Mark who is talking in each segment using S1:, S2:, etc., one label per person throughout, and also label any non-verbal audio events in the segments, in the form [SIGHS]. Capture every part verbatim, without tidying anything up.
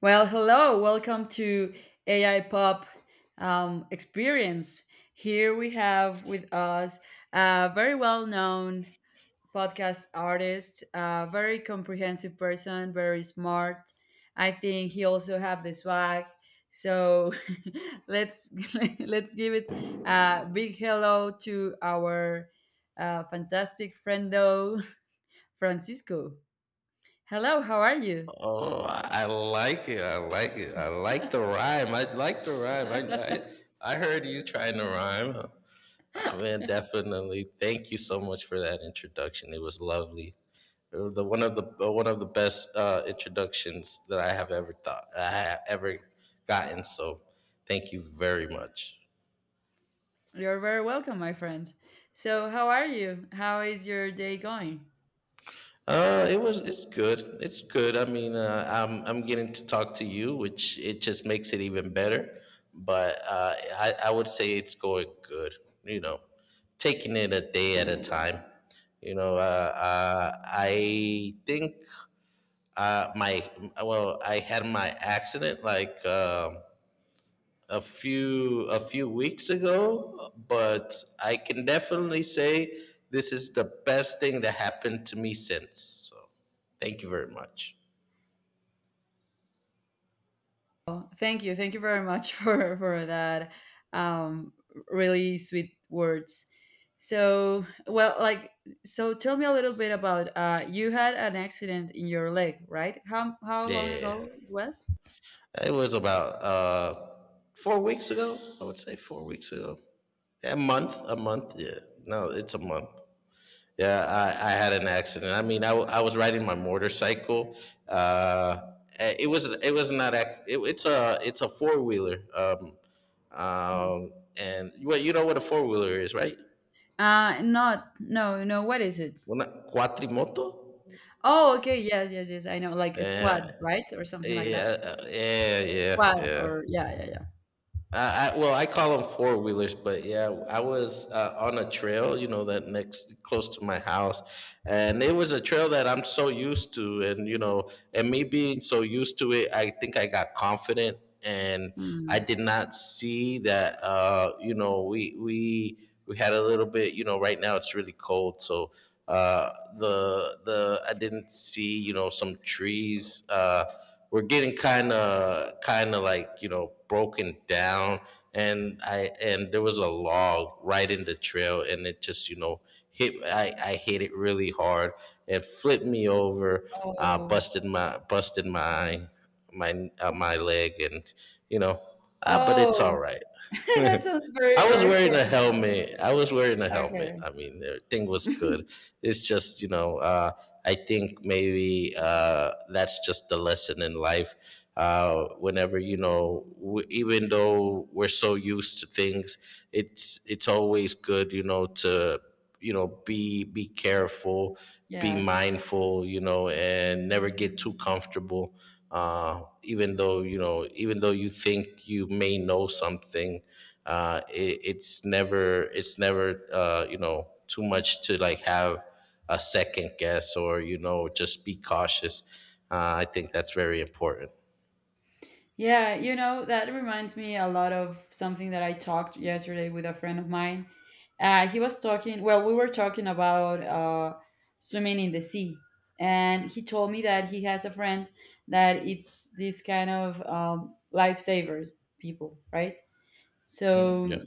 S1: Well, hello, welcome to A I Pop um, Experience. Here we have with us a very well known podcast artist, a very comprehensive person, very smart. I think he also have the swag. So [LAUGHS] let's [LAUGHS] let's give it a big hello to our uh, fantastic friendo [LAUGHS] Francisco. Hello, how are you?
S2: Oh, I I like it. I like it. I like the rhyme. I like the rhyme. I I, I heard you trying to rhyme. I mean, definitely. Thank you so much for that introduction. It was lovely. It was the one of the uh, one of the best uh, introductions that I have ever thought I have ever gotten. So, thank you very much.
S1: You're very welcome, my friend. So, how are you? How is your day going?
S2: Uh, it was. It's good. It's good. I mean, uh, I'm I'm getting to talk to you, which it just makes it even better. But uh, I I would say it's going good. You know, taking it a day at a time. You know, uh, uh, I think, uh, my well, I had my accident like um a few a few weeks ago, but I can definitely say this is the best thing that happened to me since. So, thank you very much.
S1: Oh, thank you. Thank you very much [LAUGHS] for for that um really sweet words. So, well, like so tell me a little bit about uh you had an accident in your leg, right? How how long
S2: Yeah,
S1: ago it was?
S2: it was about uh, four weeks ago. I would say four weeks ago. A month, a month. Yeah, no, it's a month. Yeah, I, I had an accident. I mean, I, w- I was riding my motorcycle. Uh, eh, it was it was not ac- it, it's a it's a four wheeler. Um,
S1: Mm.
S2: um, and well, you know what a four wheeler is, right?
S1: Uh not no, no, what is it?
S2: Una cuatrimoto.
S1: Oh, okay. Yes, yes, yes. I know like a squad,
S2: Yeah,
S1: right? Or something like that.
S2: yeah, uh, yeah, yeah,
S1: Squad
S2: yeah.
S1: or yeah, yeah, yeah.
S2: I, I well, I call them four wheelers, but yeah, I was uh, on a trail, you know, that next close to my house, and it was a trail that I'm so used to, and, you know, and me being so used to it, I think I got confident, and I
S1: Mm.
S2: did not see that, uh, you know, we we we had a little bit. You know, right now it's really cold, so uh, the the I didn't see, you know, some trees. Uh, we're getting kind of kind of like, you know, broken down, and I and there was a log right in the trail, and it just, you know, hit I I hit it really hard and flipped me over, uh
S1: Oh.
S2: busted my busted my my uh, my leg, and, you know, uh, but it's all
S1: Oh.
S2: right.
S1: [LAUGHS] That
S2: [LAUGHS]
S1: sounds very,
S2: I was
S1: very
S2: wearing a helmet. I was wearing a helmet.
S1: horrible.
S2: I mean, everything was
S1: Okay.
S2: good.
S1: [LAUGHS]
S2: It's just, you know, uh, I think maybe uh, that's just the lesson in life. Uh, whenever, you know, w- even though we're so used to things, it's it's always good, you know, to, you know, be be careful, be
S1: Yes.
S2: mindful, you know, and never get too comfortable, uh, even though you know even though you think you may know something. uh, it, it's never it's never, uh, you know, too much to like have a second guess, or, you know, just be cautious. uh, I think that's very important.
S1: Yeah, you know, that reminds me a lot of something that I talked yesterday with a friend of mine. Uh, he was talking, well, we were talking about uh, swimming in the sea. And he told me that he has a friend that it's this kind of um, lifesavers people, right?
S2: Mm,
S1: So
S2: yeah,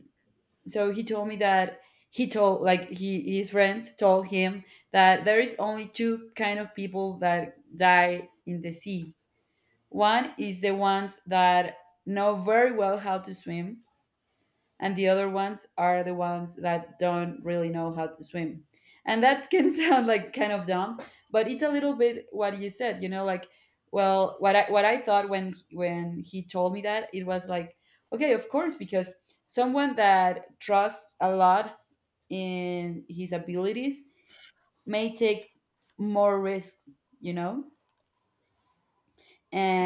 S1: so he told me that he told like he his friends told him that there is only two kind of people that die in the sea, one is the ones that know very well how to swim, and the other ones are the ones that don't really know how to swim, and that can [LAUGHS] sound like kind of dumb, but it's a little bit what you said, you know, like, well, what i what i thought when when he told me that, it was like, okay, of course, because someone that trusts a lot in his abilities may take more risks, you know,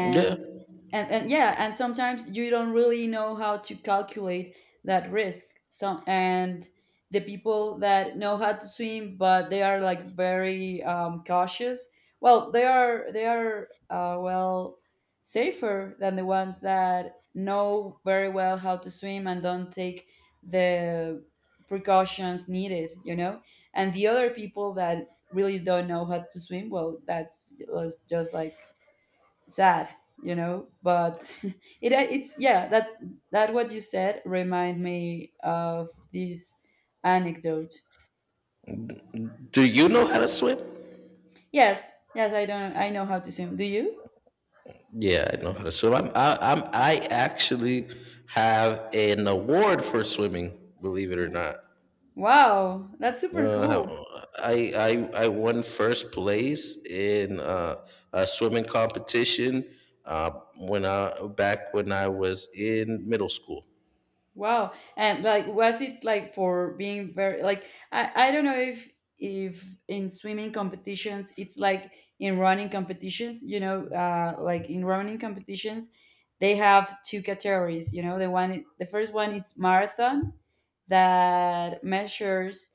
S2: yeah.
S1: and, and yeah, and sometimes you don't really know how to calculate that risk, so, and the people that know how to swim but they are like very um, cautious, well they are they are uh, well, safer than the ones that know very well how to swim and don't take the precautions needed, you know. And the other people that really don't know how to swim, well, that's just just like sad, you know. But [LAUGHS] it uh, it's, yeah, that that what you said remind me of this anecdote.
S2: Do you know how to swim?
S1: Yes, yes, I don't I know how to swim, do you?
S2: Yeah, I know how to swim. I'm I, i'm i actually have an award for swimming, believe it or not.
S1: Wow, that's super cool.
S2: Uh, I, I I won first place in uh, a swimming competition, uh, when I back when I was in middle school.
S1: Wow. And like was it like for being very like, I, I don't know if if in swimming competitions it's like in running competitions, you know, uh like in running competitions they have two categories, you know, the one the first one it's marathon that measures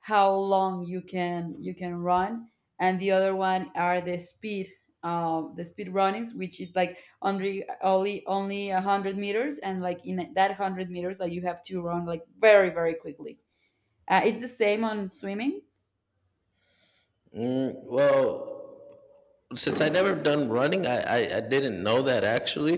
S1: how long you can you can run, and the other one are the speed, uh, the speed runnings, which is like only only only a hundred meters, and like in that one hundred meters, like you have to run like very very quickly. Uh, it's the same on swimming.
S2: Mm, well, since I never done running, I, I, I didn't know that, actually.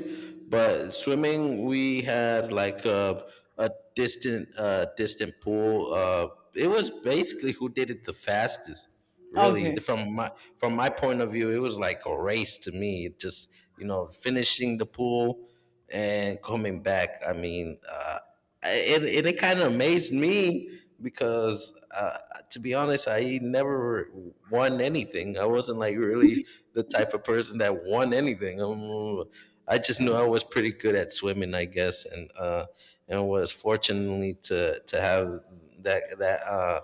S2: But swimming, we had like a, a distant uh, distant pool. Uh, it was basically who did it the fastest. Really, The-
S1: Okay,
S2: from my from my point of view, it was like a race to me. It just, you know, finishing the pool and coming back. I mean, uh, it it, it kind of amazed me because, uh, to be honest, I never won anything. I wasn't like really the type of person that won anything. Um, I just knew I was pretty good at swimming, I guess, and, uh, and was fortunately to to have that that. Uh,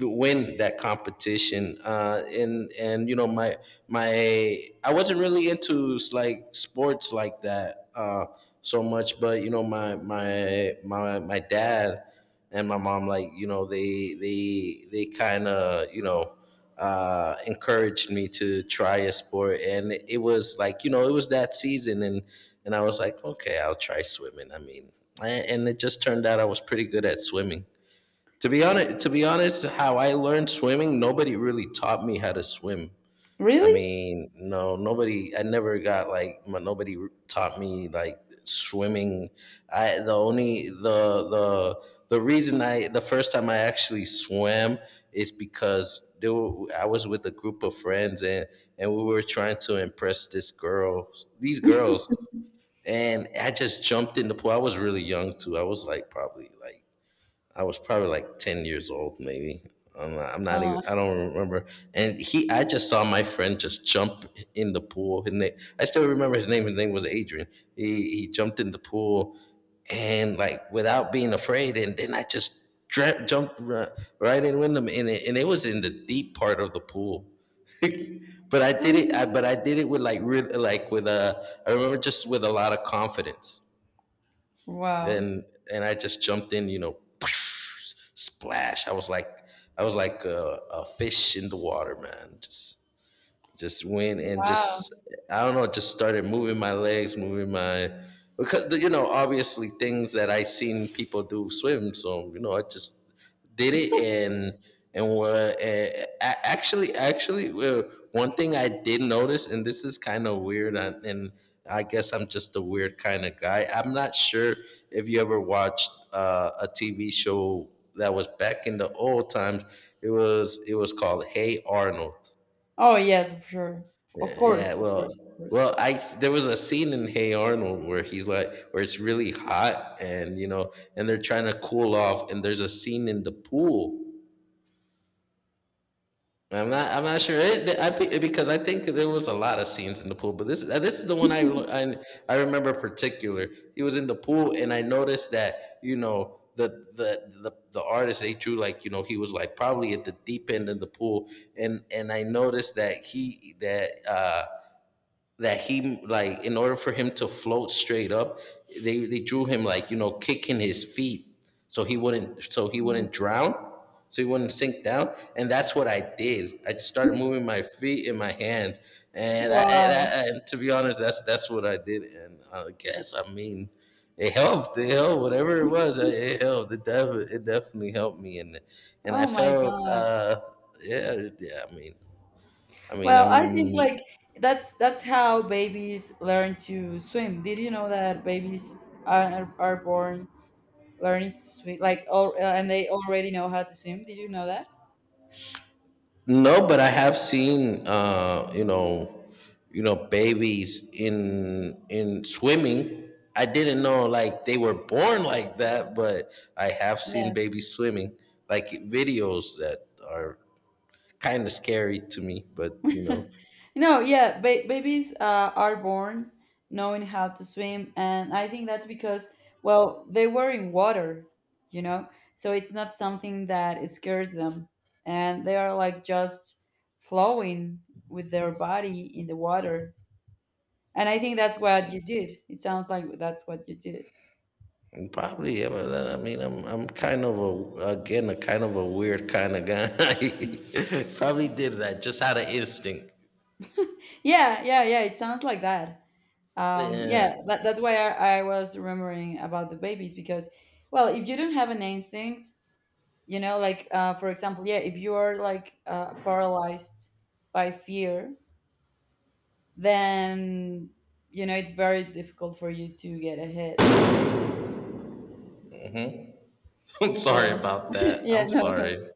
S2: win that competition. Uh, and and you know, my my I wasn't really into like sports like that, uh, so much, but, you know, my my my my dad and my mom, like, you know, they they they kind of, you know, uh, encouraged me to try a sport, and it was like, you know, it was that season, and and I was like, okay, I'll try swimming. I mean. And and it just turned out I was pretty good at swimming. To be honest, to be honest, how I learned swimming, nobody really taught me how to swim. I
S1: really?
S2: mean, no, nobody. I never got like my, nobody taught me like swimming. I the only the the the reason I the first time I actually swam is because, there were, I was with a group of friends, and and we were trying to impress this girl, these girls, and I just jumped in the pool. I was really young too. I was like probably like I was probably like ten years old, maybe. I'm not, I'm not even.
S1: Uh,
S2: I don't remember. And he, I just saw my friend just jump in the pool. His name, I still remember his name. His name was Adrian. He he jumped in the pool, and, like, without being afraid. And then I just dra- jumped ri- right in with him, and it, and it was in the deep part of the pool. [LAUGHS] But I did it.
S1: [SIGHS]
S2: I, but I did it with, like, real, like, with a. I remember, just with a lot of confidence,
S1: [GASPS] wow,
S2: and and I just jumped in, you know, [LAUGHS] splash. I was like I was like a, a fish in the water, man. Just just went, and
S1: wow.
S2: just, I don't know, just started moving my legs, moving my, because, you know, obviously things that I seen people do swim, so, you know, I just did it, and and were uh, a- actually actually uh, one thing I did notice, and this is kind of weird, and and I guess I'm just a weird kind of guy. I'm not sure if you ever watched uh, a T V show that was back in the old times. It was it was called Hey Arnold.
S1: Oh yes, for sure. Of
S2: Yeah, yeah,
S1: course, of
S2: well,
S1: course, of course.
S2: well, I there was a scene in Hey Arnold where he's like, where it's really hot, and, you know, and they're trying to cool off, and there's a scene in the pool. I'm not, I'm not sure, it, I, be- because I think there was a lot of scenes in the pool, but this, uh, this is the one I, lo- I, I remember particular. He was in the pool, and I noticed that, you know, the, the the the artist they drew, like, you know, he was like probably at the deep end of the pool, and and I noticed that he that. Uh that he like, in order for him to float straight up, they they drew him, like, you know, kicking his feet, so he wouldn't so he
S1: Mm.
S2: wouldn't drown, so he wouldn't sink down, and that's what I did. I just started moving my feet and my hands, and I, and I-
S1: Wow.
S2: that, and, to be honest, that's that's what I did, and I guess I mean. It helped. It helped. Whatever it was, it it helped. It, def- it definitely helped me, and and
S1: Oh
S2: I
S1: my
S2: felt,
S1: God.
S2: uh, yeah, yeah. I mean, I mean,
S1: Well, I think
S2: I'm
S1: like that's that's how babies learn to swim. Did you know that babies are, are born learning to swim like all, and they already know how to swim? Did you know that?
S2: No, but I have seen, uh, you know, you know, babies in in swimming. I didn't know like they were born like that, but I have seen
S1: Yes. [LAUGHS]
S2: babies swimming, like videos that are kind of scary to me. But, you know,
S1: No, yeah, ba- babies uh, are born knowing how to swim, and I think that's because, well, they were in water, you know, so it's not something that it scares them, and they are like just flowing with their body in the water. And I think that's what you did. It sounds like that's what you did.
S2: and probably. Yeah, but, uh, I mean, I'm I'm kind of a, again a kind of a weird kind of guy. [LAUGHS] probably did that just out of instinct.
S1: Yeah, yeah, yeah. It sounds like that. Um,
S2: Yeah,
S1: yeah, that, that's why I, I was remembering about the babies because, well, if you don't have an instinct, you know, like uh, for example, yeah, if you are like uh, paralyzed by fear, then, you know, it's very difficult for you to get ahead.
S2: [LAUGHS] I'm
S1: So
S2: sorry about
S1: [LAUGHS]
S2: that.
S1: yeah,
S2: I'm
S1: no, for-
S2: sorry.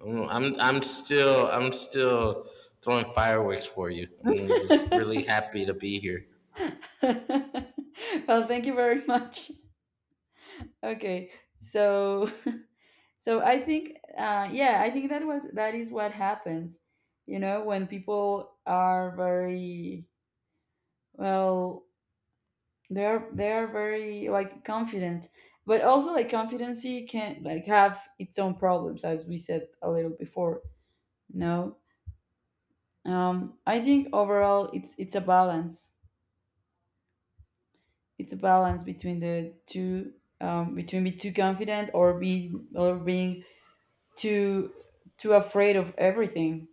S2: Mm, I'm I'm still I'm still throwing fireworks for you. I'm just really happy to be here.
S1: [LAUGHS] well, thank you very much. Okay, so [LAUGHS] so I think uh, yeah, i think that was, that is what happens, you know, when people are very, well, they are they are very like confident, but also like confidency can like have its own problems, as we said a little before, no? Um, I think overall it's it's a balance, it's a balance between the two. Um, between be too confident or be or being too too afraid of everything.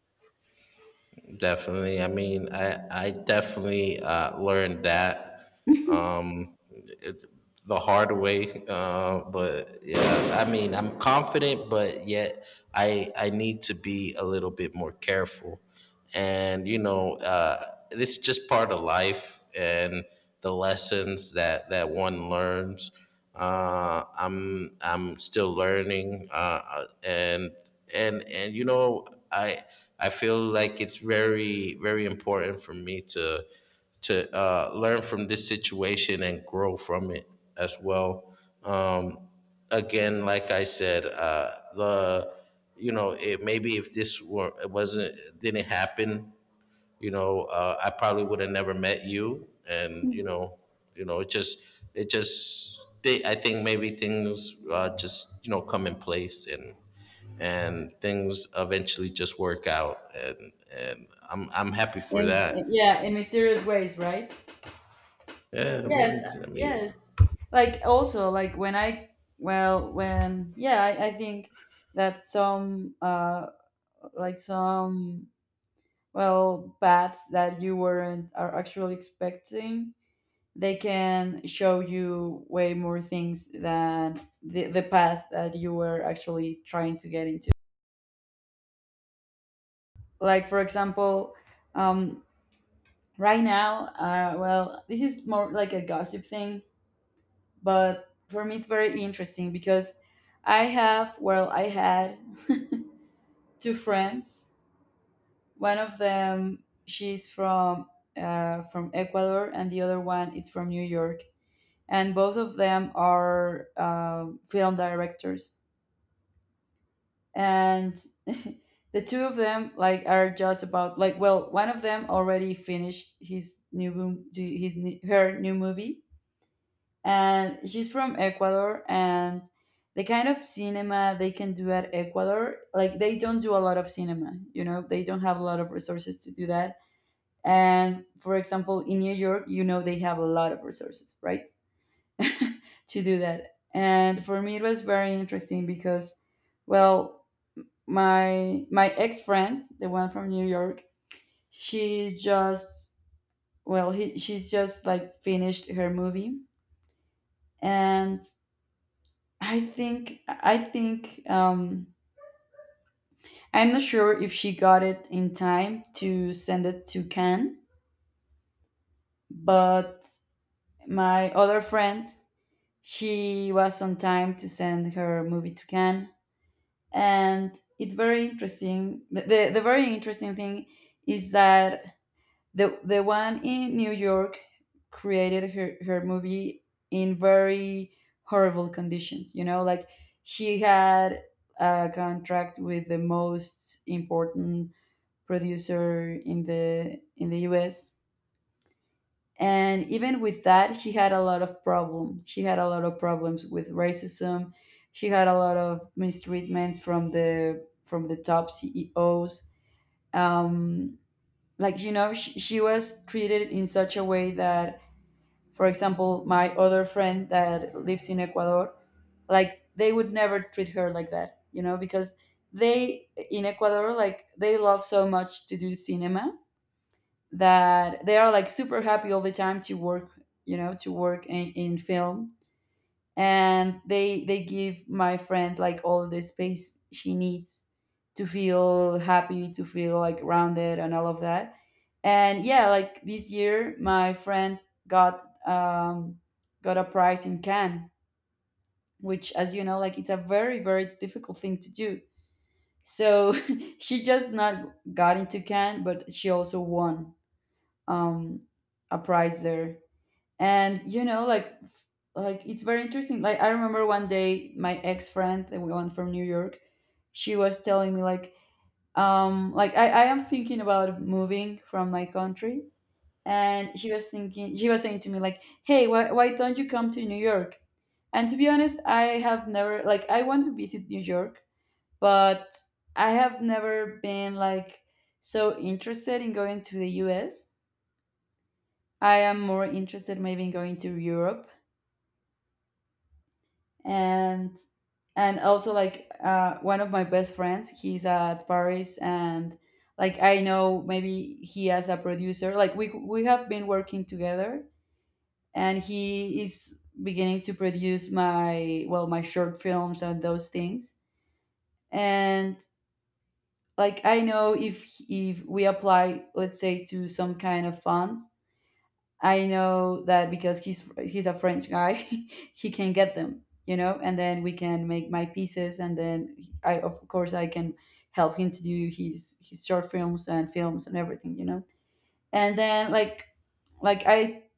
S2: Definitely. I mean, I I definitely uh, learned that,
S1: [LAUGHS]
S2: um, it, the hard way. Uh, but yeah, I mean, I'm confident, but yet I I need to be a little bit more careful. And, you know, uh, this is just part of life and the lessons that that one learns. Uh, I'm I'm still learning, uh, uh, and and and, you know, I I feel like it's very, very important for me to to uh, learn from this situation and grow from it as well. Um, again, like I said, uh, the you know, it, maybe if this were it wasn't didn't happen, you know, uh, I probably would have never met you, and, you
S1: in
S2: know, you know, it just, it just, they, I think maybe things, uh, just, you know, come in place, and and things eventually just work out, and and I'm I'm happy for that.
S1: Yeah, in mysterious ways, right?
S2: Yeah, I
S1: Yes, uh,
S2: mean, I mean,
S1: yes. Like also like when I, well, when, yeah, I, I think that some uh, like some, well, bats that you weren't are actually expecting, they can show you way more things than the, the path that you were actually trying to get into. Like for example, um, right now uh, well, this is more like a gossip thing, but for me it's very interesting because I have, well, I had two friends. One of them she's from uh, from Ecuador, and the other one it's from New York, and both of them are um, film directors, and [LAUGHS] the two of them like are just about like, well, one of them already finished his new boom his new- her new movie, and she's from Ecuador, and the kind of cinema they can do at Ecuador, like they don't do a lot of cinema, you know, they don't have a lot of resources to do that. And for example in New York, you know, they have a lot of resources, right? [LAUGHS] To do that. And for me it was very interesting because, well, my my ex-friend, the one from New York, she's just, well, he, she's just like finished her movie. And I think I think um, I'm not sure if she got it in time to send it to Can, but my other friend, she was on time to send her movie to Can, and it's very interesting. The, the the very interesting thing is that the the one in New York created her her movie in very horrible conditions. You know, like she had a contract with the most important producer in the in the U S. And even with that, she had a lot of problem. She had a lot of problems with racism. She had a lot of mistreatments from the from the top C E Os. Um, like, you know, she, she was treated in such a way that, for example, my other friend that lives in Ecuador, like they would never treat her like that, you know, because they in Ecuador, like they love so much to do cinema, that they are like super happy all the time to work, you know, to work in, in film. And they they give my friend like all the space she needs to feel happy, to feel like rounded and all of that. And yeah, like this year my friend got, um, got a prize in Cannes, which, as you know, like it's a very very difficult thing to do. So [LAUGHS] she just not got into Cannes, but she also won, um, a prize there. And you know, like like it's very interesting, like I remember one day my ex-friend, the one from New York, she was telling me like, um, like i, I am thinking about moving from my country. And she was thinking, she was saying to me like, hey, why, why don't you come to New York? And to be honest, I have never like, I want to visit New York, but I have never been like so interested in going to the U.S. I am more interested maybe in going to Europe. and and also like uh, one of my best friends he's at Paris, and like I know, maybe he as a producer, like we we have been working together, and he is beginning to produce my, well, my short films and those things. And like I know if if we apply, let's say, to some kind of funds, I know that because he's he's a French guy, [LAUGHS] he can get them, you know, and then we can make my pieces, and then I, of course I can help him to do his his short films and films and everything, you know. And then like like I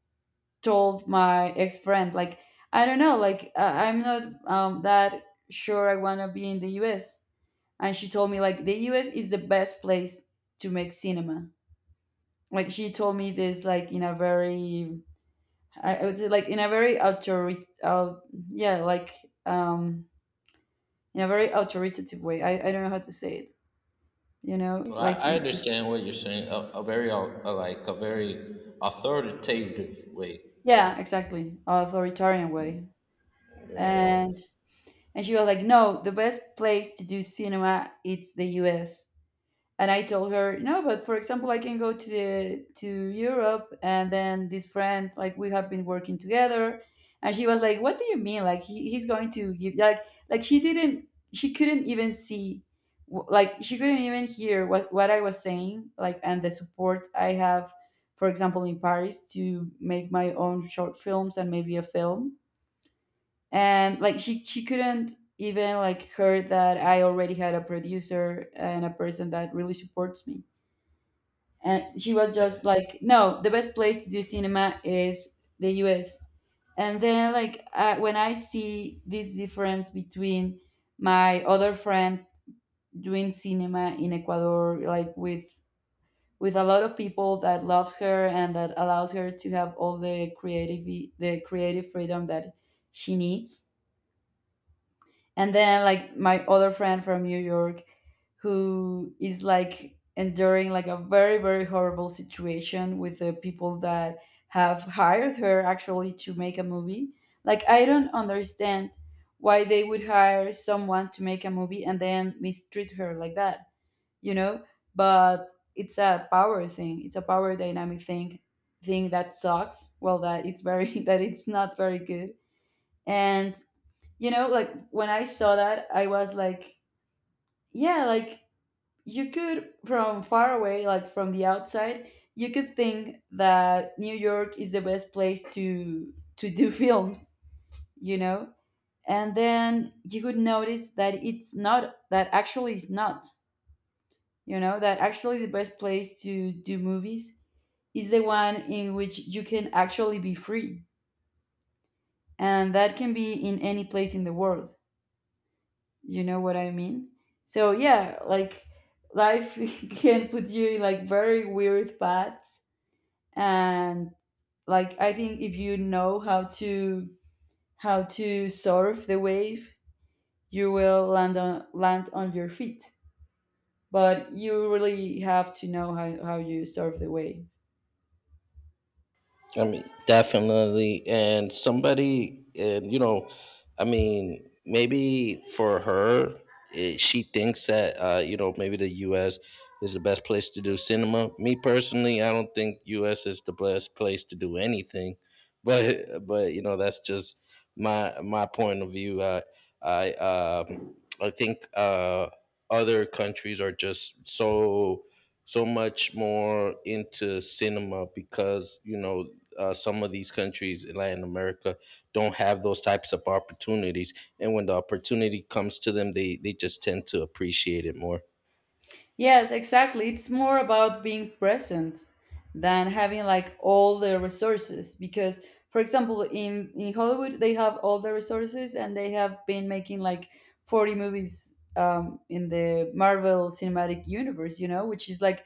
S1: told my ex friend, like, I don't know, like I I'm not um, that sure I want to be in the U S. And she told me like the U S is the best place to make cinema. Like she told me this like in a very, I I would say like in a very authoritative, uh, yeah, like, um, in a very authoritative way. I, I don't know how to say it. You know,
S2: Well, I,
S1: like
S2: I
S1: in,
S2: understand what you're saying. A, a very, uh, uh, like, a very authoritative way.
S1: yeah, exactly, authoritarian way. And and she was like, no, the best place to do cinema it's the U S And I told her, no, but for example, I can go to the to Europe, and then this friend, like we have been working together, and she was like, "What do you mean? Like he, he's going to give like like she didn't she couldn't even see wh- like she couldn't even hear what what I was saying, like and the support I have, for example, in Paris to make my own short films and maybe a film, and like she she couldn't even like heard that I already had a producer and a person that really supports me. And she was just like, no, the best place to do cinema is the US. And then, like uh, when I see this difference between my other friend doing cinema in Ecuador, like with with a lot of people that loves her and that allows her to have all the creative, the creative freedom that she needs. And then like my other friend from New York, who is like enduring like a very very horrible situation with the people that have hired her actually to make a movie. Like I don't understand why they would hire someone to make a movie and then mistreat her like that, you know but it's a power thing, it's a power dynamic thing, thing that sucks. Well, that it's very [LAUGHS] that it's not very good. And you know like when I saw that I was like, yeah, like you could from far away, like from the outside, you could think that New York is the best place to to do [LAUGHS] films, you know and then you would notice that it's not, that actually it's not, you know that actually the best place to do movies is the one in which you can actually be free. And that can be in any place in the world. You know what I mean? So yeah, like life [LAUGHS] can put you in like very weird paths. And like I think if you know how to how to surf the wave, you will land on land on your feet. But you really have to know how, how you surf the wave.
S2: I mean, definitely. And somebody, and, you know, I mean, maybe for her, eh, she thinks that, uh, you know, maybe the U S is the best place to do cinema. Me personally, I don't think U S is the best place to do anything. [LAUGHS] But, but you know, that's just my my point of view. I I um, I think, uh, other countries are just so so much more into cinema because, you know, uh, some of these countries in Latin America don't have those types of opportunities, and when the opportunity comes to them, they they just tend to appreciate it more.
S1: Yes, exactly. It's more about being present than having like all the resources, because for example in in Hollywood they have all the resources and they have been making like forty movies um in the Marvel Cinematic Universe, you know, which is like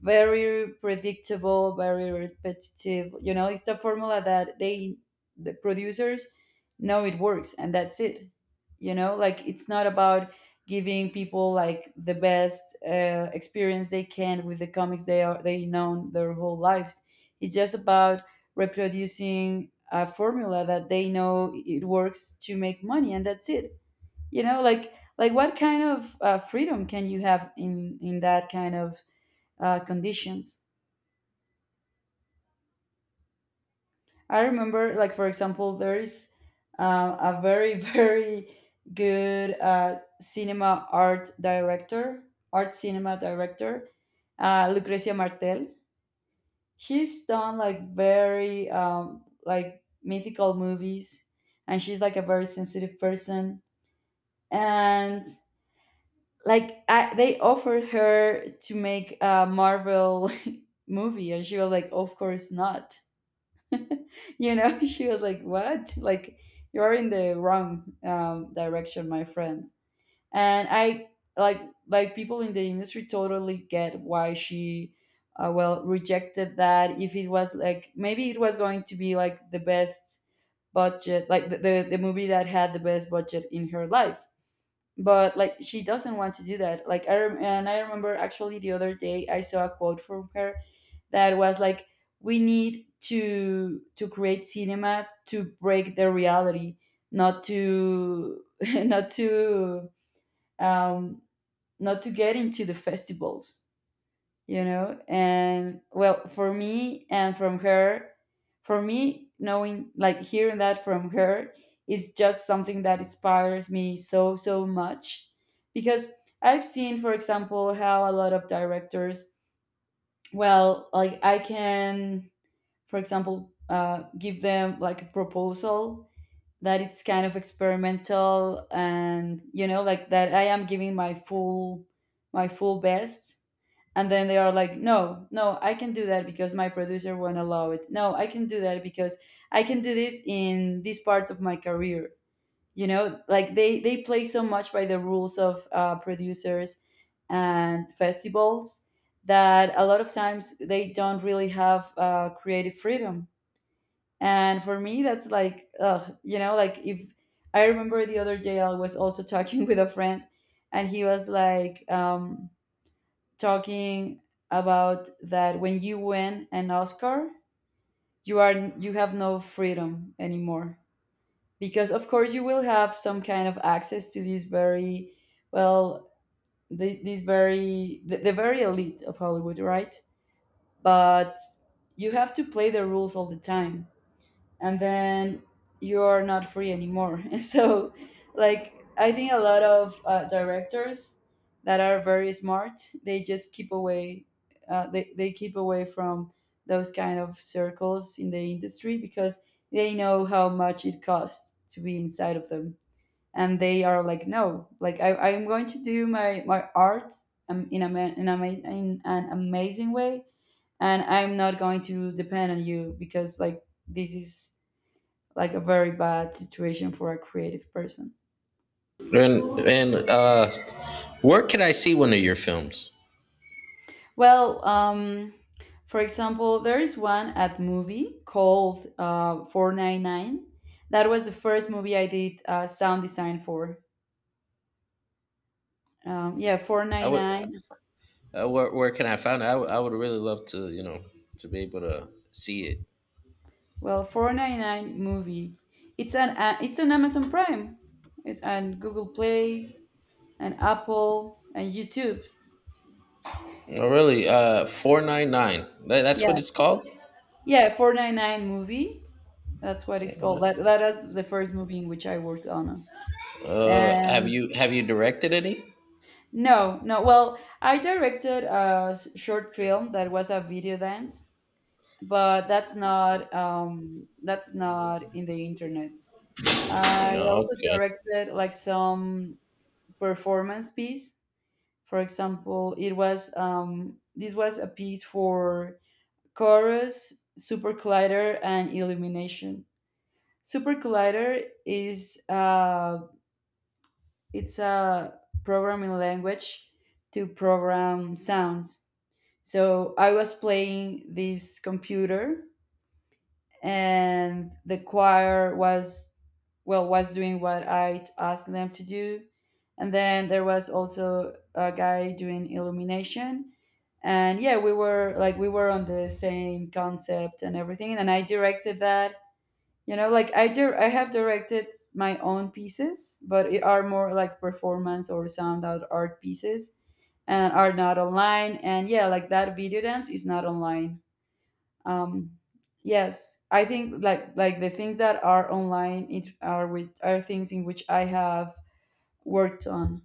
S1: very predictable, very repetitive, you know, it's a formula that they the producers know it works, and that's it. You know, like it's not about giving people like the best uh, experience they can with the comics they are they known their whole lives. It's just about reproducing a formula that they know it works to make money, and that's it. You know, like like what kind of uh, freedom can you have in in that kind of uh, conditions? I remember, like for example, there is uh, a very [LAUGHS] very good uh, cinema art director, art cinema director, uh, Lucrecia Martel. She's done like very um, like mythical movies, and she's like a very sensitive person. And like I, they offered her to make a Marvel [LAUGHS] movie, and she was like, "Of course not." You know, [LAUGHS] she was like, what, like you're in the wrong um, direction, my friend. And I like like people in the industry totally get why she uh, well rejected that. If it was like, maybe it was going to be like the best budget, like the, the, the movie that had the best budget in her life. But like she doesn't want to do that. Like I rem- and I remember actually the other day I saw a quote from her that was like, we need to to create cinema to break the reality, not to [LAUGHS] not to um not to get into the festivals, you know. And well for me, and from her, for me knowing, like hearing that from her is just something that inspires me so so much, because I've seen for example how a lot of directors, well like I can for example uh, give them like a proposal that it's kind of experimental, and you know like that I am giving my full, my full best. And then they are like, no no I can do that because my producer won't allow it, no I can do that because I can do this in this part of my career. You know, like they they play so much by the rules of uh, producers and festivals, that a lot of times they don't really have uh, creative freedom. And for me that's like, ugh, you know like if I remember the other day I was also talking [LAUGHS] with a friend, and he was like um, talking about that when you win an Oscar, you are you have no freedom anymore. Because of course you will have some kind of access to these very, well, the, these very the, the very elite of Hollywood, right? But you have to play the rules all the time, and then you're not free anymore. [LAUGHS] So, like, I think a lot of uh, directors that are very smart, they just keep away, uh, they, they keep away from those kind of circles in the industry because they know how much it costs to be inside of them. And they are like, no, like I, I'm going to do my, my art um, in, a, ma- in, a, ma- in an amazing way. And I'm not going to depend on you because like this is like a very bad situation for a creative person.
S2: And and uh, where can I see one of your films?
S1: Well, um, for example, there is one at movie called uh, four nine nine. That was the first movie I did uh, sound design for. Um, yeah,
S2: I would
S1: four ninety-nine.
S2: uh, where where can I find it? I would, I would really love to, you know, to be able to see it.
S1: Well, four nine nine movie. It's an uh, it's an Amazon Prime it, and Google Play and Apple and YouTube.
S2: Oh, really? Uh, four nine nine. That's
S1: Yeah,
S2: what it's called.
S1: yeah, four nine nine movie. That's what it's called. That that is the first movie in which I worked on.
S2: Uh, have
S1: And
S2: you have you directed any?
S1: no, no. Well, I directed a s- short film that was a video dance, but that's not um that's not in the internet. I
S2: No,
S1: also
S2: okay.
S1: directed like some performance piece. For example, it was um this was a piece for Chorus, Super Collider, and Illumination. Super Collider is uh it's a programming language to program sound. So I was playing this computer, and the choir was, well, was doing what I asked them to do. And then there was also a guy doing illumination. And yeah, we were like, we were on the same concept and everything. And I directed that. You know, like I do, I have directed my own pieces, but it are more like performance or sound out art pieces, and are not online. And yeah, like that video dance is not online. um yes, I think like like the things that are online it are with are things in which I have worked on,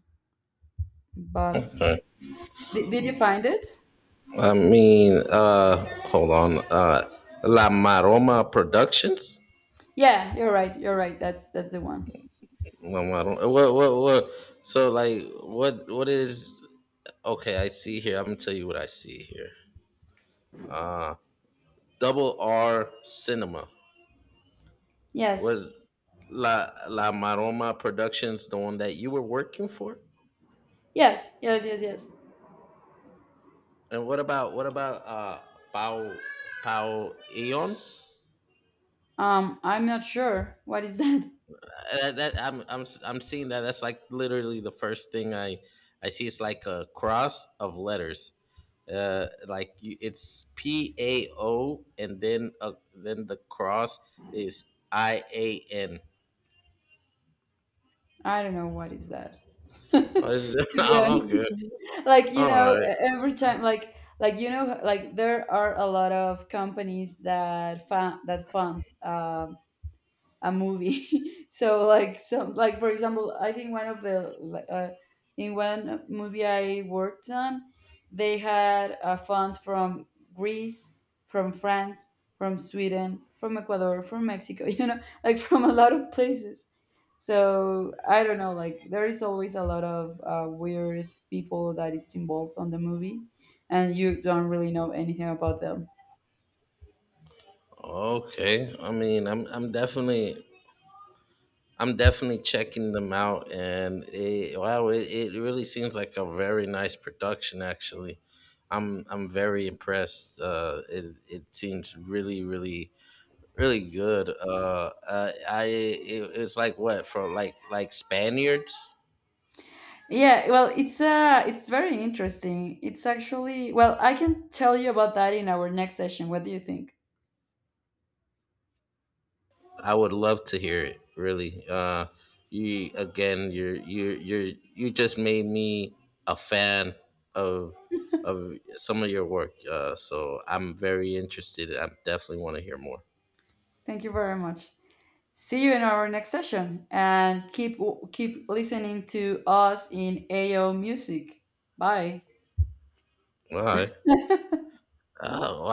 S1: but
S2: Okay.
S1: did, did you find it?
S2: I mean, uh, hold on. Uh, La Maroma Productions.
S1: Yeah, you're right, you're right, that's that's the one.
S2: La Maroma. What what what? So, like, what what is? Okay, I see here. I'm gonna tell you what I see here. Uh, Double R Cinema
S1: Yes
S2: was La La Maroma Productions the one that you were working for?
S1: yes yes yes. Yes,
S2: And what about what about uh Pau Pau Eon?
S1: um I'm not sure what is [LAUGHS] that.
S2: Uh, that, that I'm I'm am I I'm seeing that that's like literally the first thing I I see. It's like a cross of letters. Uh, like, you, it's P A O, and then, uh, then the cross is I A N.
S1: I don't know what is that. [LAUGHS]
S2: Oh, it's-
S1: To
S2: [LAUGHS]
S1: be
S2: oh, okay.
S1: honest, [LAUGHS] like you
S2: All
S1: know,
S2: right.
S1: e- every time, like like you know, like there are a lot of companies that fund that fund um a movie. [LAUGHS] So like some, like for example, I think one of the like, uh, in one movie I worked on, they had uh, funds from Greece, from France, from Sweden, from Ecuador, from Mexico. [LAUGHS] You know, like from a lot of places. So I don't know, like there is always a lot of uh, weird people that it's involved on the movie, and you don't really know anything about them.
S2: Okay. I mean, I'm I'm definitely I'm definitely checking them out, and it, wow, it, it really seems like a very nice production. Actually, I'm I'm very impressed. Uh, it it seems really, really, really good. Uh, uh I it, it's like what for, like like Spaniards.
S1: Yeah, well, it's uh, it's very interesting. It's actually, well, I can tell you about that in our next session. What do you think?
S2: I would love to hear it. Really, uh, you, again, you're you you you just made me a fan of of some of your work. Uh, so I'm very interested. I definitely want to hear more.
S1: Thank you very much. See you in our next session, and keep keep listening to us in A O Music. Bye.
S2: All right. Oh, wow.